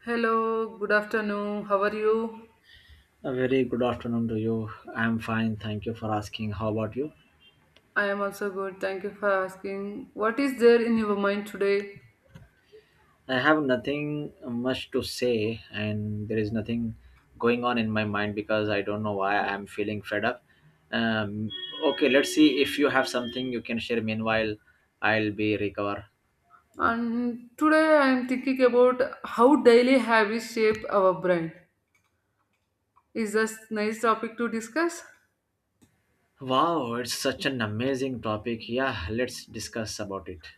Hello, good afternoon. How are you? A very good afternoon to you. I'm fine. Thank you for asking. How about you? I am also good. Thank you for asking. What is there in your mind today? I have nothing much to say, and there is nothing going on in my mind because I don't know why I'm feeling fed up. Um, okay, let's see if you have something you can share. Meanwhile, I'll be recover. And today I am thinking about how daily habits shape our brain. Is this nice topic to discuss? Wow, it's such an amazing topic. Yeah, let's discuss about it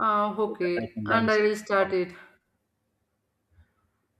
Uh, so that I okay, can and learn I something will start from. it.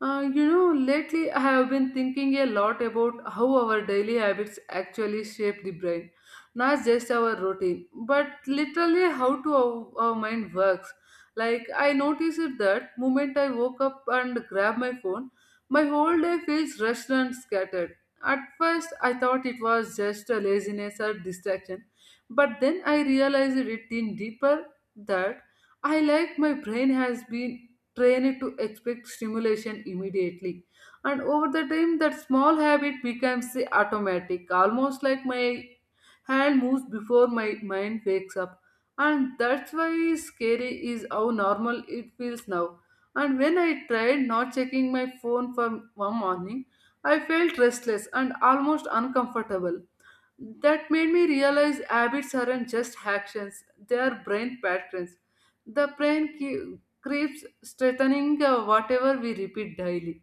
Lately I have been thinking a lot about how our daily habits actually shape the brain, not just our routine, but literally how to our mind works. Like I noticed that moment I woke up and grabbed my phone, my whole day feels rushed and scattered. At first, I thought it was just a laziness or distraction, but then I realized it in deeper that I like my brain has been train it to expect stimulation immediately, and over the time that small habit becomes the automatic, almost like my hand moves before my mind wakes up. And that's why is scary is how normal it feels now. And when I tried not checking my phone for one morning, I felt restless and almost uncomfortable. That made me realize habits aren't just actions, they are brain patterns. The keeps strengthening whatever we repeat daily.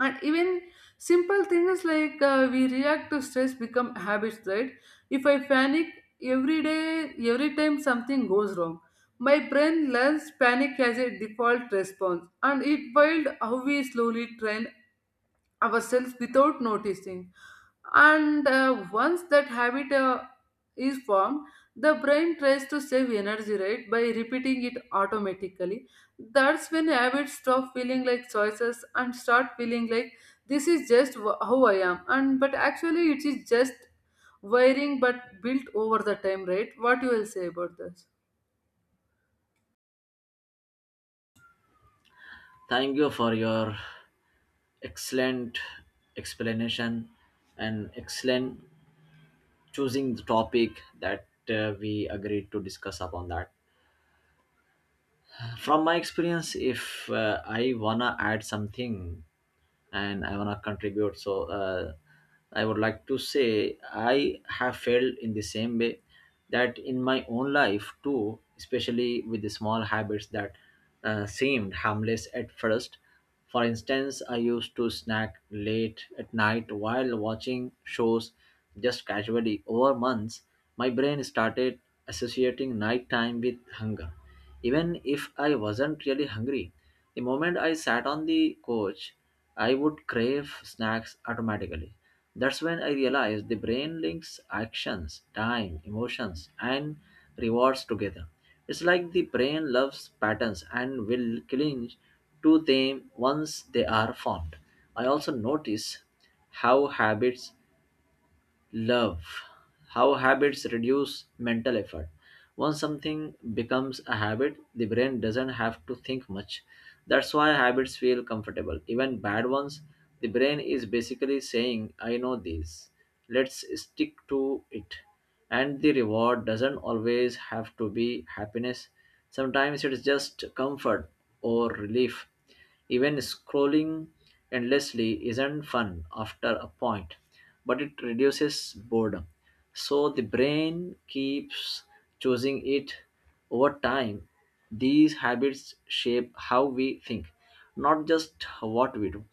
And even simple things like we react to stress become habits, right? If I panic every day, every time something goes wrong, my brain learns panic as a default response, and it wild how we slowly train ourselves without noticing. And once that habit is formed, the brain tries to save energy, right, by repeating it automatically. That's when habits stop feeling like choices and start feeling like this is just how I am. And but actually, it is just wiring but built over the time, right? What you will say about this? Thank you for your excellent explanation and excellent choosing the topic that we agreed to discuss upon that. From my experience, if I wanna add something and I wanna contribute, so I would like to say I have failed in the same way, that in my own life too, especially with the small habits that seemed harmless at first. For instance, I used to snack late at night while watching shows just casually. Over months, my brain started associating nighttime with hunger, even if I wasn't really hungry. The moment I sat on the couch, I would crave snacks automatically. That's when I realized the brain links actions, time, emotions, and rewards together. It's like the brain loves patterns and will cling to them once they are formed. I also notice how habits Love. How habits reduce mental effort. Once something becomes a habit, the brain doesn't have to think much. That's why habits feel comfortable. Even bad ones, the brain is basically saying, I know this. Let's stick to it. And the reward doesn't always have to be happiness. Sometimes it's just comfort or relief. Even scrolling endlessly isn't fun after a point, but it reduces boredom. So the brain keeps choosing it over time. These habits shape how we think, not just what we do.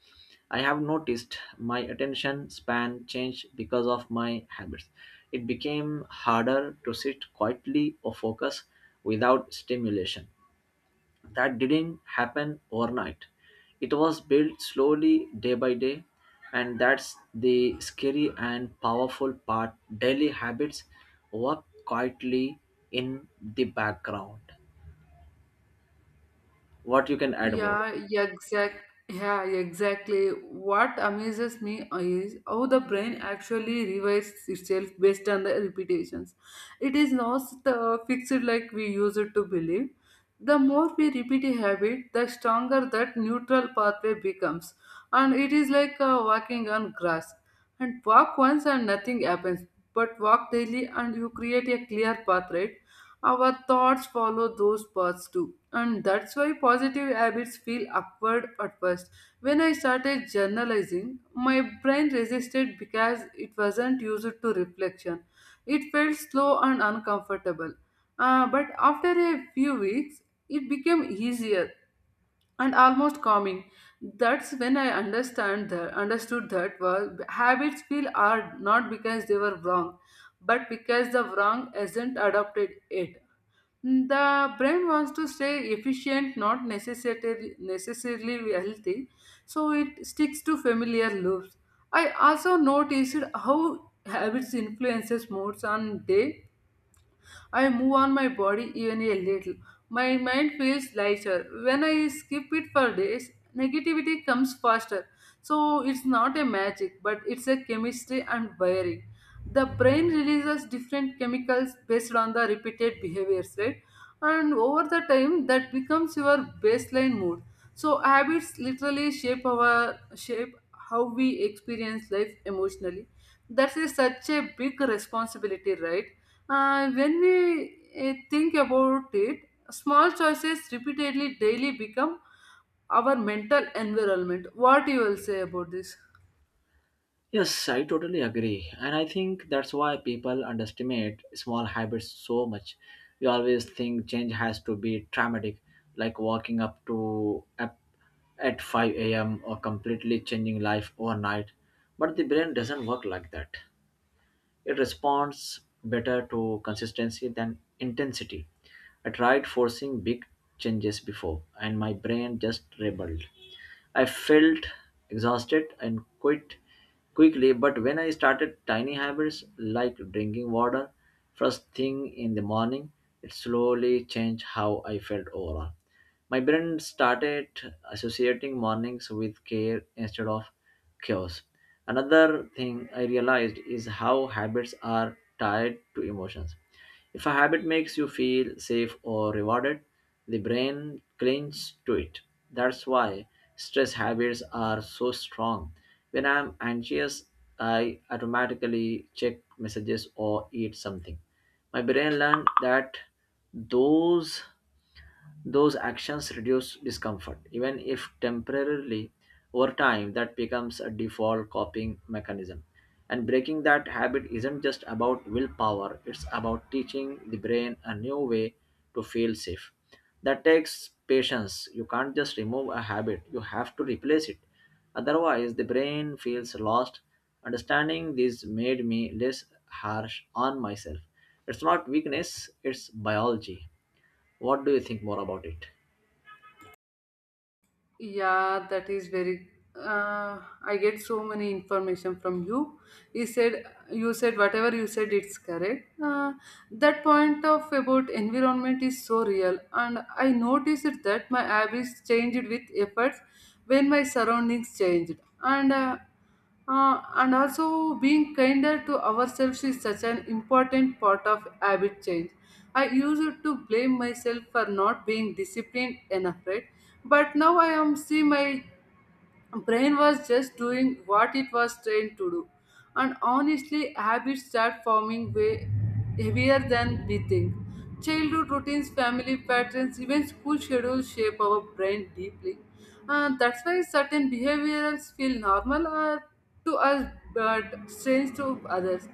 I have noticed my attention span changed because of my habits. It became harder to sit quietly or focus without stimulation. That didn't happen overnight. It was built slowly, day by day, and that's the scary and powerful part. Daily habits work quietly in the background. What you can add more? Yeah, yeah, exact. Yeah, exactly. What amazes me is how the brain actually revises itself based on the repetitions. It is not fixed like we use it to believe. The more we repeat a habit, the stronger that neutral pathway becomes. And it is like walking on grass. And walk once and nothing happens. But walk daily and you create a clear path, right? Our thoughts follow those paths too. And that's why positive habits feel awkward at first. When I started journalizing, my brain resisted because it wasn't used to reflection. It felt slow and uncomfortable. But after a few weeks, it became easier and almost calming. That's when understood that well, habits feel hard not because they were wrong, but because the wrong isn't adopted yet. The brain wants to stay efficient, not necessarily healthy, so it sticks to familiar loops. I also noticed how habits influences moods on day I move on my body even a little. My mind feels lighter. When I skip it for days, negativity comes faster. So it's not a magic, but it's a chemistry and wiring. The brain releases different chemicals based on the repeated behaviors, right? And over the time, that becomes your baseline mood. So habits literally shape our shape how we experience life emotionally. That is such a big responsibility, right? When we think about it, small choices repeatedly daily become our mental environment. What you will say about this? Yes, I totally agree. And I think that's why people underestimate small habits so much. We always think change has to be dramatic, like walking up to up at 5 a.m. or completely changing life overnight. But the brain doesn't work like that. It responds better to consistency than intensity. I tried forcing big changes before, and my brain just rebelled. I felt exhausted and quit quickly, but when I started tiny habits like drinking water first thing in the morning, it slowly changed how I felt overall. My brain started associating mornings with care instead of chaos. Another thing I realized is how habits are tied to emotions. If a habit makes you feel safe or rewarded, the brain clings to it. That's why stress habits are so strong. When I'm anxious, I automatically check messages or eat something. My brain learned that those those actions reduce discomfort, even if temporarily. Over time, that becomes a default coping mechanism. And breaking that habit isn't just about willpower, it's about teaching the brain a new way to feel safe. That takes patience. You can't just remove a habit, you have to replace it. Otherwise, the brain feels lost. Understanding this made me less harsh on myself. It's not weakness, it's biology. What do you think more about it? Yeah, that is very. Uh, I get so many information from you. You said you said whatever you said, it's correct. That point of about environment is so real, and I noticed that my habits changed with efforts when my surroundings changed, and uh, and also being kinder to ourselves is such an important part of habit change. I used to blame myself for not being disciplined enough, right? But now I am see my brain was just doing what it was trained to do. And honestly, habits start forming way heavier than we think. Childhood routines, family patterns, even school schedules shape our brain deeply. And that's why certain behaviors feel normal or to us but strange to others.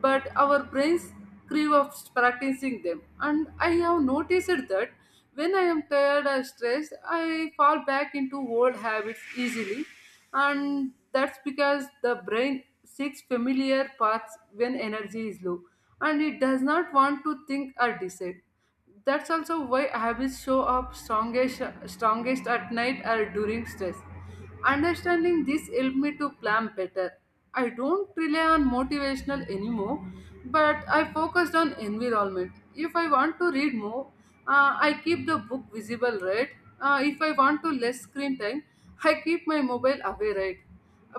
But our brains crave of practicing them. And I have noticed that when I am tired or stressed, I fall back into old habits easily. And that's because the brain seeks familiar paths when energy is low, and it does not want to think or decide. That's also why habits show up strongest at night or during stress. Understanding this helped me to plan better. I don't rely on motivational anymore, but I focused on environment. If I want to read more, I keep the book visible, right? If I want to less screen time, I keep my mobile away, right?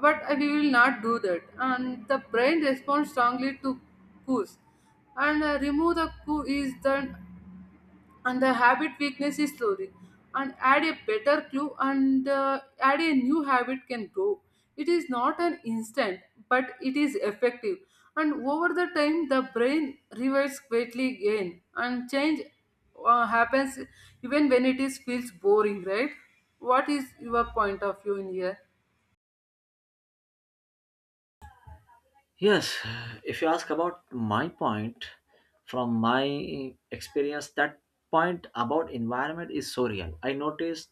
But I will not do that. And the brain responds strongly to cues, and remove the coup is done, and the habit weakness is slowly, and add a better clue, and add a new habit can grow. It is not an instant, but it is effective, and over the time the brain reverts greatly again and change happens even when it is feels boring, right? What is your point of view in here? Yes, if you ask about my point, from my experience, that point about environment is so real. I noticed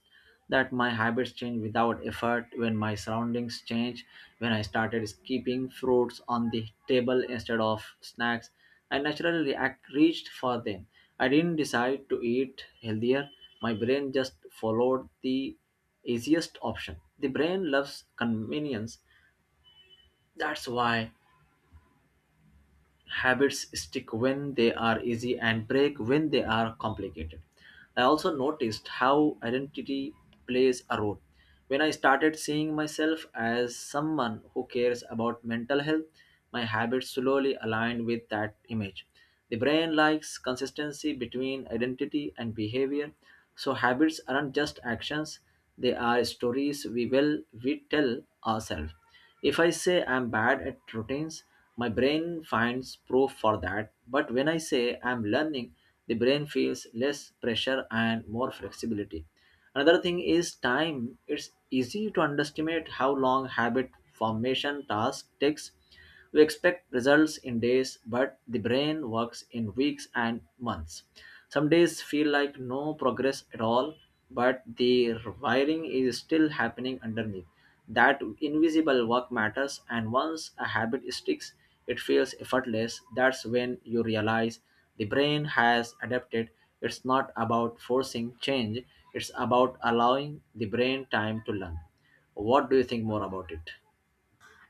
that my habits change without effort when my surroundings change, when I started keeping fruits on the table instead of snacks, I naturally reached for them. I didn't decide to eat healthier, my brain just followed the easiest option. The brain loves convenience. That's why habits stick when they are easy and break when they are complicated. I also noticed how identity plays a role. When I started seeing myself as someone who cares about mental health, my habits slowly aligned with that image. The brain likes consistency between identity and behavior, so habits aren't just actions, they are stories we tell ourselves. If I say I'm bad at routines, my brain finds proof for that. But when I say I'm learning, the brain feels less pressure and more flexibility. Another thing is time. It's easy to underestimate how long habit formation task takes. We expect results in days, but the brain works in weeks and months. Some days feel like no progress at all, but the wiring is still happening underneath. That invisible work matters, and once a habit sticks, it feels effortless. That's when you realize the brain has adapted. It's not about forcing change, it's about allowing the brain time to learn. What do you think more about it?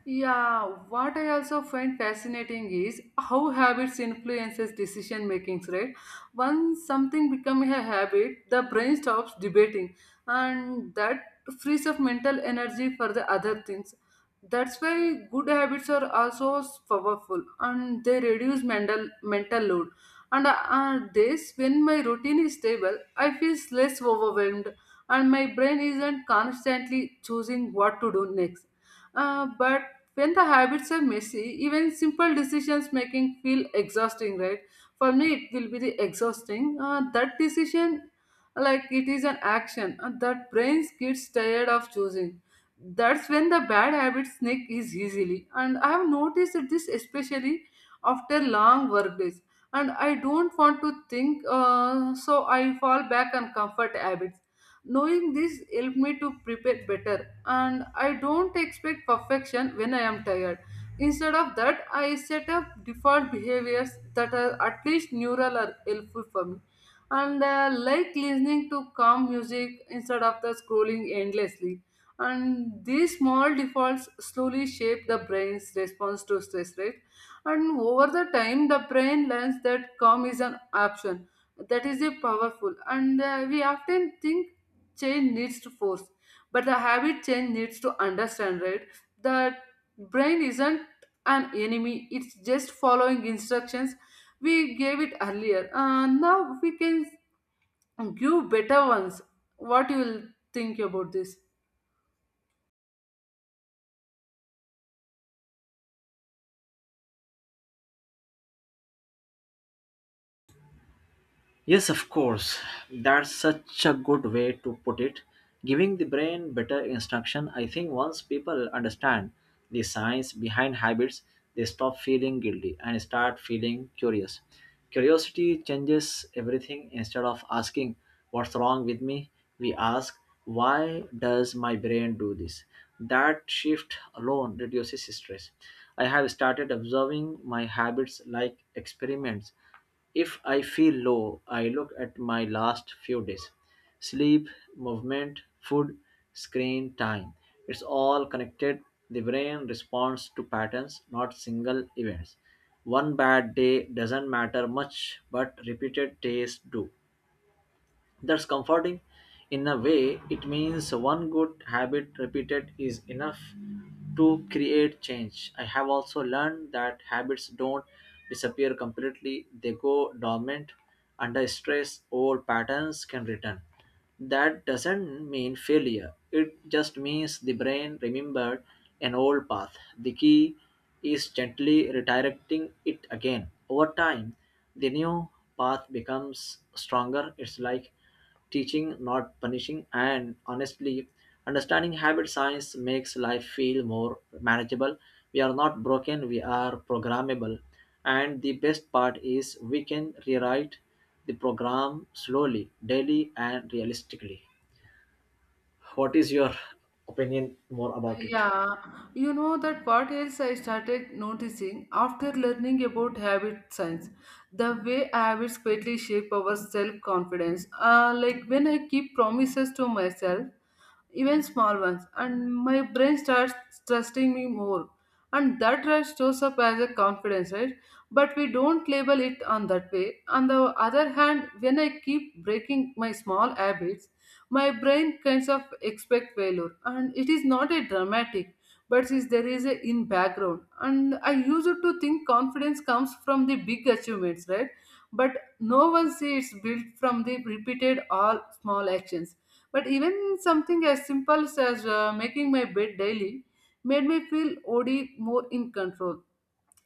Yeah, what I also find fascinating is how habits influences decision makings, right? Once something becomes a habit, the brain stops debating, and that frees up mental energy for the other things. That's why good habits are also powerful and they reduce mental load. When my routine is stable, I feel less overwhelmed and my brain isn't constantly choosing what to do next, but when the habits are messy, even simple decisions making feel exhausting, right? For me, it will be the exhausting. That decision, like it is an action, and that brain gets tired of choosing. That's when the bad habits sneak is easily, and I have noticed this especially after long work days. And I don't want to think, so I fall back on comfort habits. Knowing this helped me to prepare better, and I don't expect perfection when I am tired. Instead of that, I set up default behaviors that are at least neural or helpful for me. And Like listening to calm music instead of the scrolling endlessly. And these small defaults slowly shape the brain's response to stress, right? And over the time, the brain learns that calm is an option. That is a powerful, and we often think change needs to force, but the habit change needs to understand, right? That brain isn't an enemy, it's just following instructions we gave it earlier. Now we can give better ones. What you will think about this? Yes, of course. That's such a good way to put it. Giving the brain better instruction, I think once people understand the science behind habits, they stop feeling guilty and start feeling curious. Curiosity changes everything. Instead of asking, what's wrong with me? We ask, why does my brain do this? That shift alone reduces stress. I have started observing my habits like experiments. If I feel low, I look at my last few days: sleep, movement, food, screen time. It's all connected. The brain responds to patterns, not single events. One bad day doesn't matter much, but repeated days do. That's comforting. In a way, it means one good habit repeated is enough to create change. I have also learned that habits don't disappear completely, they go dormant. Under stress, old patterns can return. That doesn't mean failure. It just means the brain remembered an old path. The key is gently redirecting it again. Over time, the new path becomes stronger. It's like teaching, not punishing. And honestly, understanding habit science makes life feel more manageable. We are not broken, we are programmable. And the best part is we can rewrite the program slowly, daily, and realistically. What is your opinion more about it? Yeah, you know that what else I started noticing after learning about habit science: the way habits greatly shape our self confidence. Like when I keep promises to myself, even small ones, and my brain starts trusting me more. And that trust shows up as a confidence, right? But we don't label it on that way. On the other hand, when I keep breaking my small habits, my brain kinds of expect failure, and it is not a dramatic, but is there is a in background. And I used to think confidence comes from the big achievements, right? But no one sees it's built from the repeated all small actions, but even something as simple as making my bed daily made me feel OD more in control.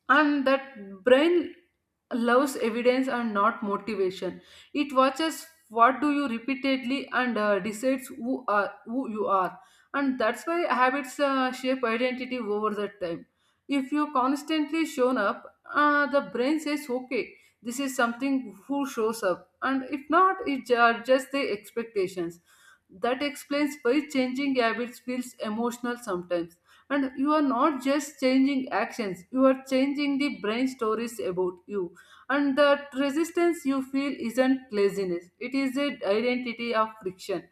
And that brain loves evidence and not motivation. It watches what do you repeatedly, and decides who are who you are. And that's why habits shape identity over the time. If you constantly shown up, the brain says okay, this is something who shows up, and if not, it just the expectations. That explains why changing habits feels emotional sometimes, and you are not just changing actions, you are changing the brain stories about you. And that resistance you feel isn't laziness, it is an identity of friction.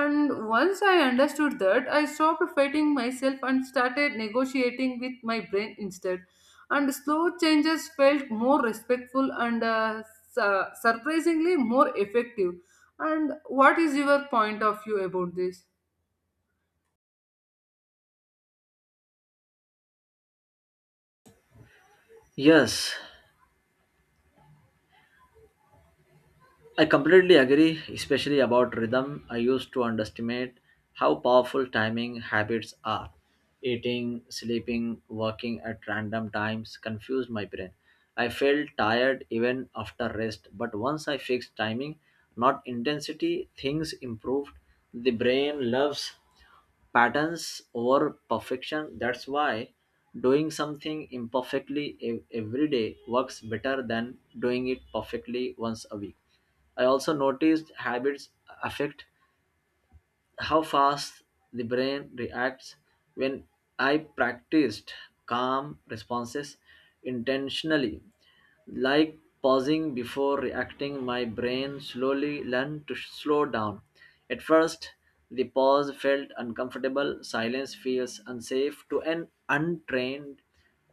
And once I understood that, I stopped fighting myself and started negotiating with my brain instead, and slow changes felt more respectful and surprisingly more effective. And what is your point of view about this? Yes, I completely agree, especially about rhythm. I used to underestimate how powerful timing habits are. Eating, sleeping, working at random times confused my brain. I felt tired even after rest, but once I fixed timing, not intensity, things improved. The brain loves patterns over perfection. That's why doing something imperfectly every day works better than doing it perfectly once a week. I also noticed habits affect how fast the brain reacts when I practiced calm responses intentionally. Like pausing before reacting, my brain slowly learned to slow down. At first, the pause felt uncomfortable, silence feels unsafe to an untrained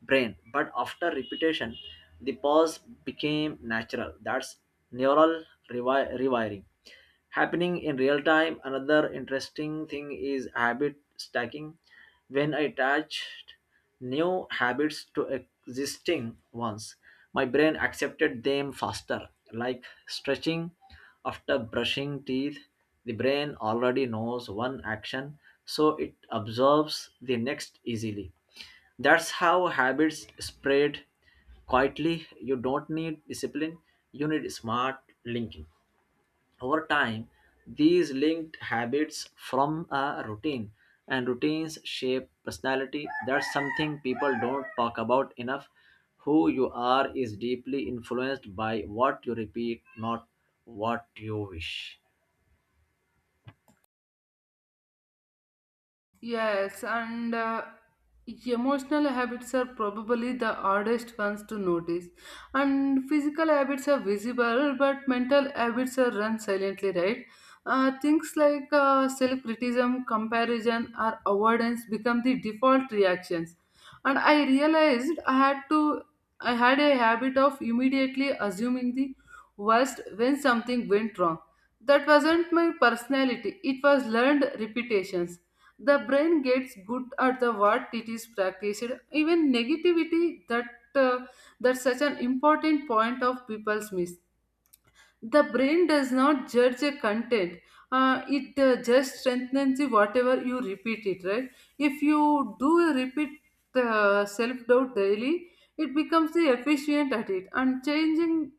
brain. But after repetition, the pause became natural. That's neural rewiring happening in real time. Another interesting thing is habit stacking. When I attached new habits to existing ones, my brain accepted them faster, like stretching after brushing teeth. The brain already knows one action, so it absorbs the next easily. That's how habits spread quietly. You don't need discipline, you need smart linking. Over time, these linked habits from a routine, and routines shape personality. That's something people don't talk about enough. Who you are is deeply influenced by what you repeat, not what you wish. Yes, and emotional habits are probably the hardest ones to notice. And physical habits are visible, but mental habits are run silently, right? Things like self criticism, comparison, or avoidance become the default reactions. And I realized I had a habit of immediately assuming the worst when something went wrong. That wasn't my personality, it was learned repetitions. The brain gets good at the what it is practiced, even negativity that uh, that's such an important point of people's miss. The brain does not judge a content, it just strengthens the whatever you repeat it, right? If you do repeat the self-doubt daily, it becomes the efficient at it, and changing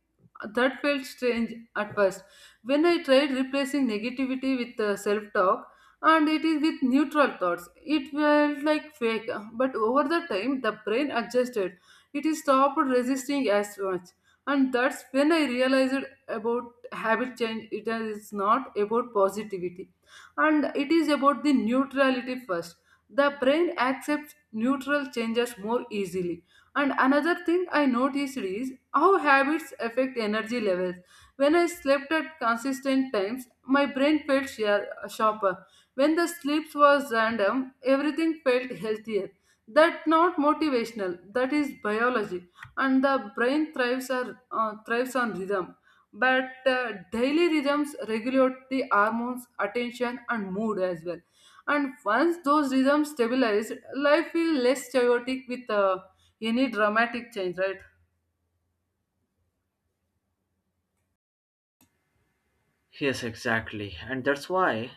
that felt strange at first. When I tried replacing negativity with self-talk, and it is with neutral thoughts, it felt like fake, but over the time the brain adjusted. It is stopped resisting as much, and that's when I realized about habit change. It is not about positivity, and it is about the neutrality first. The brain accepts neutral changes more easily. And another thing I noticed is how habits affect energy levels. When I slept at consistent times, my brain felt sharper. When the sleep was random, everything felt healthier. That not motivational, that is biology. And the brain thrives on rhythm. But daily rhythms regulate the hormones, attention and mood as well. And once those rhythms stabilize, life will less chaotic with any dramatic change, right? Yes, exactly, and that's why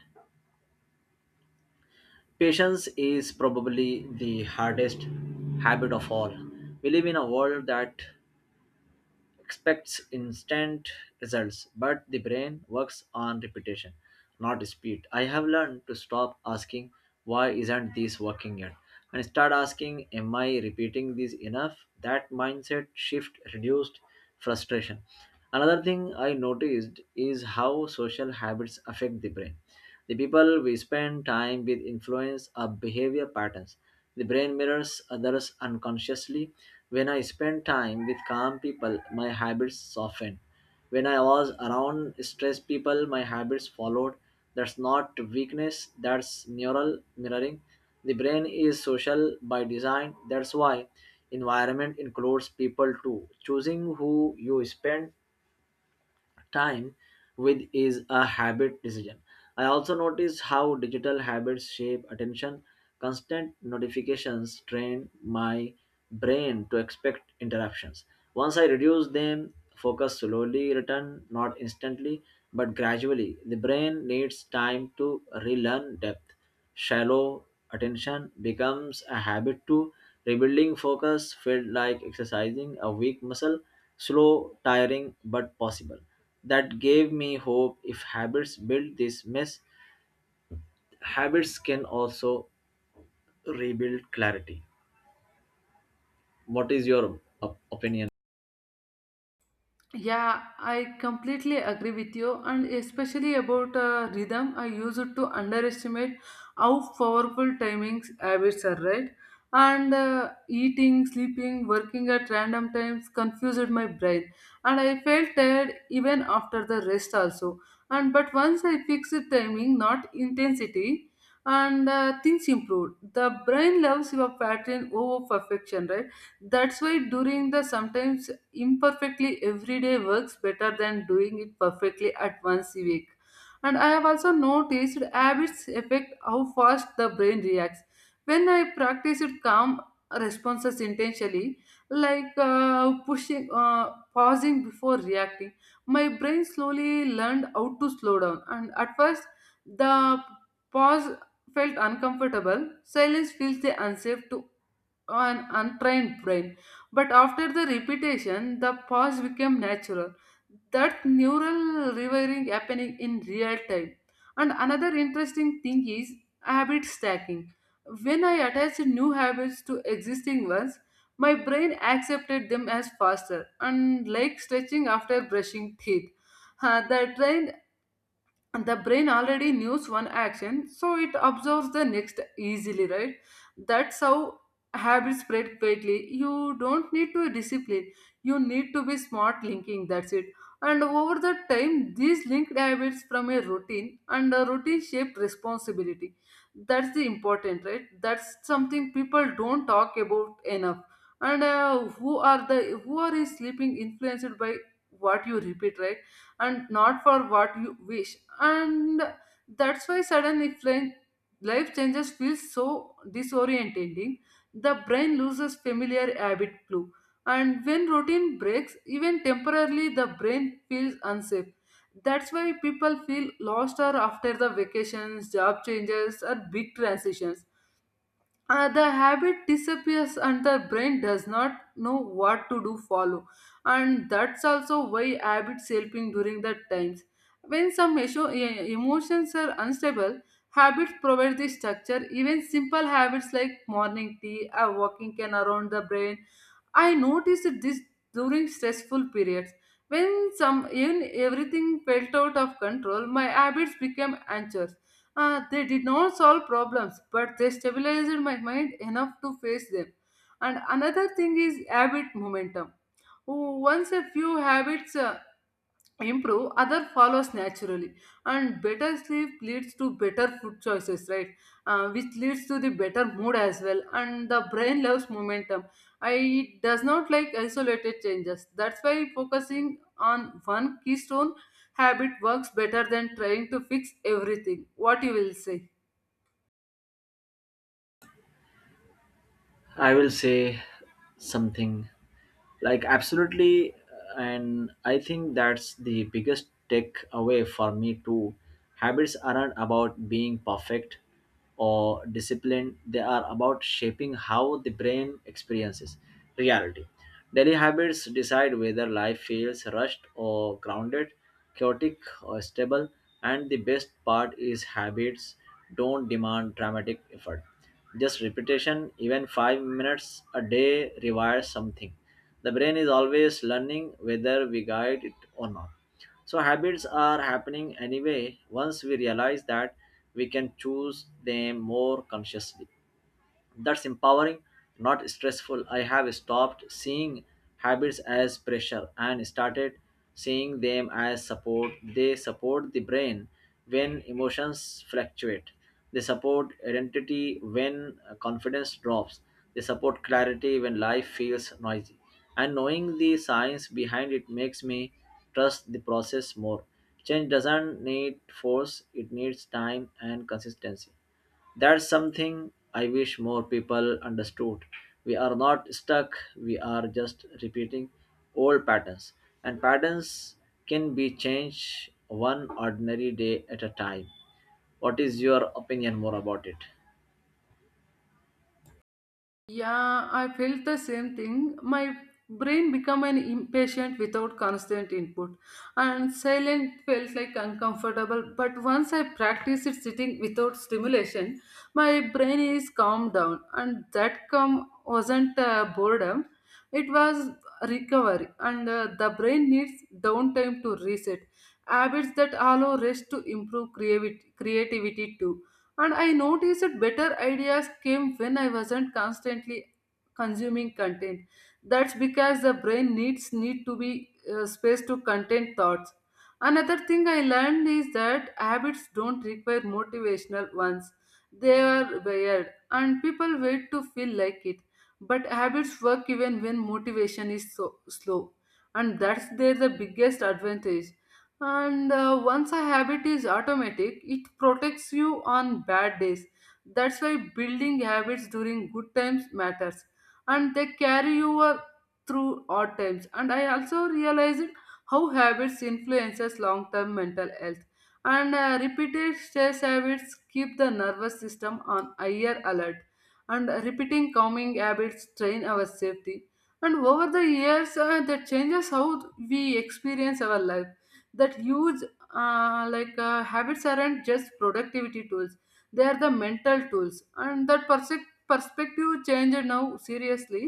patience is probably the hardest habit of all. We live in a world that expects instant results, but the brain works on repetition, not speed. I have learned to stop asking, why isn't this working yet? And start asking, am I repeating this enough? That mindset shift reduced frustration. Another thing I noticed is how social habits affect the brain. The people we spend time with influence our behavior patterns. The brain mirrors others unconsciously. When I spend time with calm people, my habits soften. When I was around stressed people, my habits followed. That's not weakness, that's neural mirroring. The brain is social by design. That's why environment includes people too. Choosing who you spend time with is a habit decision. I also notice how digital habits shape attention. Constant notifications train my brain to expect interruptions. Once I reduce them, focus slowly return, not instantly, but gradually. The brain needs time to relearn depth. Shallow attention becomes a habit too. Rebuilding focus felt like exercising a weak muscle, slow, tiring, but possible. That gave me hope. If habits build this mess, habits can also rebuild clarity. What is your opinion? Yeah, I completely agree with you, and especially about rhythm. I use it to underestimate how powerful timings habits are, right? And eating, sleeping, working at random times confused my brain, and I felt tired even after the rest also. And but once I fixed timing, not intensity, and things improved. The brain loves your pattern over perfection, right? That's why during the sometimes imperfectly every day works better than doing it perfectly at once a week. And I have also noticed habits affect how fast the brain reacts. When I practice it calm responses intentionally, like pausing before reacting, my brain slowly learned how to slow down. And at first, the pause felt uncomfortable. Silence feels the unsafe to an untrained brain. But after the repetition, the pause became natural. That neural rewiring happening in real time. And another interesting thing is habit stacking. When I attached new habits to existing ones, my brain accepted them as faster, and like stretching after brushing teeth. The train and the brain already knows one action, so it observes the next easily, right? That's how habits spread quickly. You don't need to discipline, you need to be smart linking, that's it. And over the time these linked habits from a routine, and a routine shaped responsibility. That's the important, right? That's something people don't talk about enough. And who are the who are is sleeping influenced by what you repeat, right? And not for what you wish. And that's why life changes feels so disorientating. The brain loses familiar habit clue, and when routine breaks even temporarily, the brain feels unsafe. That's why people feel lost or after the vacations, job changes or big transitions. The habit disappears and the brain does not know what to do follow. And that's also why habits helping during the times when emotions are unstable. Habits provide the structure. Even simple habits like morning tea or walking can around the brain. I noticed this during stressful periods. When some when everything felt out of control, my habits became anxious. They did not solve problems, but they stabilized my mind enough to face them. And another thing is habit momentum. Once a few habits improve, other follows naturally, and better sleep leads to better food choices, right? Which leads to the better mood as well, and the brain loves momentum. It does not like isolated changes. That's why focusing on one keystone habit works better than trying to fix everything. What you will say? I will say something like, absolutely. And I think that's the biggest takeaway for me too. Habits aren't about being perfect or disciplined, they are about shaping how the brain experiences reality. Daily habits decide whether life feels rushed or grounded, chaotic or stable. And the best part is, habits don't demand dramatic effort, just repetition. Even 5 minutes a day requires something. The brain is always learning, whether we guide it or not. So habits are happening anyway. Once we realize that, we can choose them more consciously. That's empowering, not stressful. I have stopped seeing habits as pressure and started seeing them as support. They support the brain when emotions fluctuate. They support identity when confidence drops. They support clarity when life feels noisy. And knowing the science behind it makes me trust the process more. Change doesn't need force, it needs time and consistency. That's something I wish more people understood. We are not stuck, we are just repeating old patterns. And patterns can be changed one ordinary day at a time. What is your opinion more about it? Yeah, I felt the same thing. My brain became an impatient without constant input, and silent felt like uncomfortable. But once I practiced it sitting without stimulation, my brain is calmed down, and that calm wasn't boredom; it was recovery. And the brain needs downtime to reset. Habits that allow rest to improve creativity, creativity too. And I noticed that better ideas came when I wasn't constantly consuming content. That's because the brain needs need to be space to content thoughts. Another thing I learned is that habits don't require motivational ones. They are wired and people wait to feel like it. But habits work even when motivation is so slow. And that's their the biggest advantage. And once a habit is automatic, it protects you on bad days. That's why building habits during good times matters, and they carry you through odd times. And I also realized how habits influences long-term mental health. And repeated stress habits keep the nervous system on higher alert, and repeating calming habits train our safety. And over the years, that changes how we experience our life. That huge. Habits aren't just productivity tools, they are the mental tools. And that perspective change now seriously.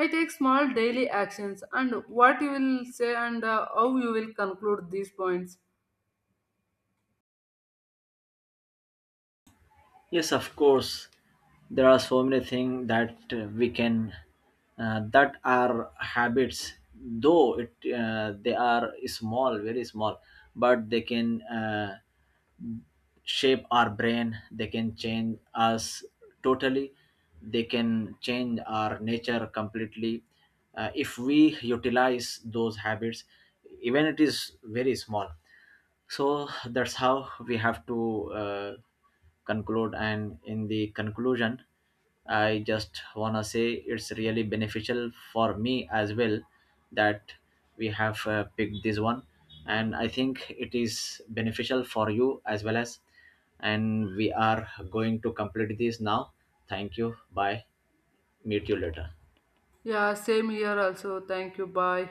I take small daily actions. And what you will say, and how you will conclude these points? Yes, of course. There are so many things that that are habits, though it they are small, very small, but they can. Shape our brain. They can change us totally, they can change our nature completely, if we utilize those habits, even it is very small. So that's how we have to conclude. And in the conclusion, I just wanna say it's really beneficial for me as well, that we have picked this one, and I think it is beneficial for you as well as. And we are going to complete this now. Thank you. Bye. Meet you later. Yeah, same here also. Thank you, bye.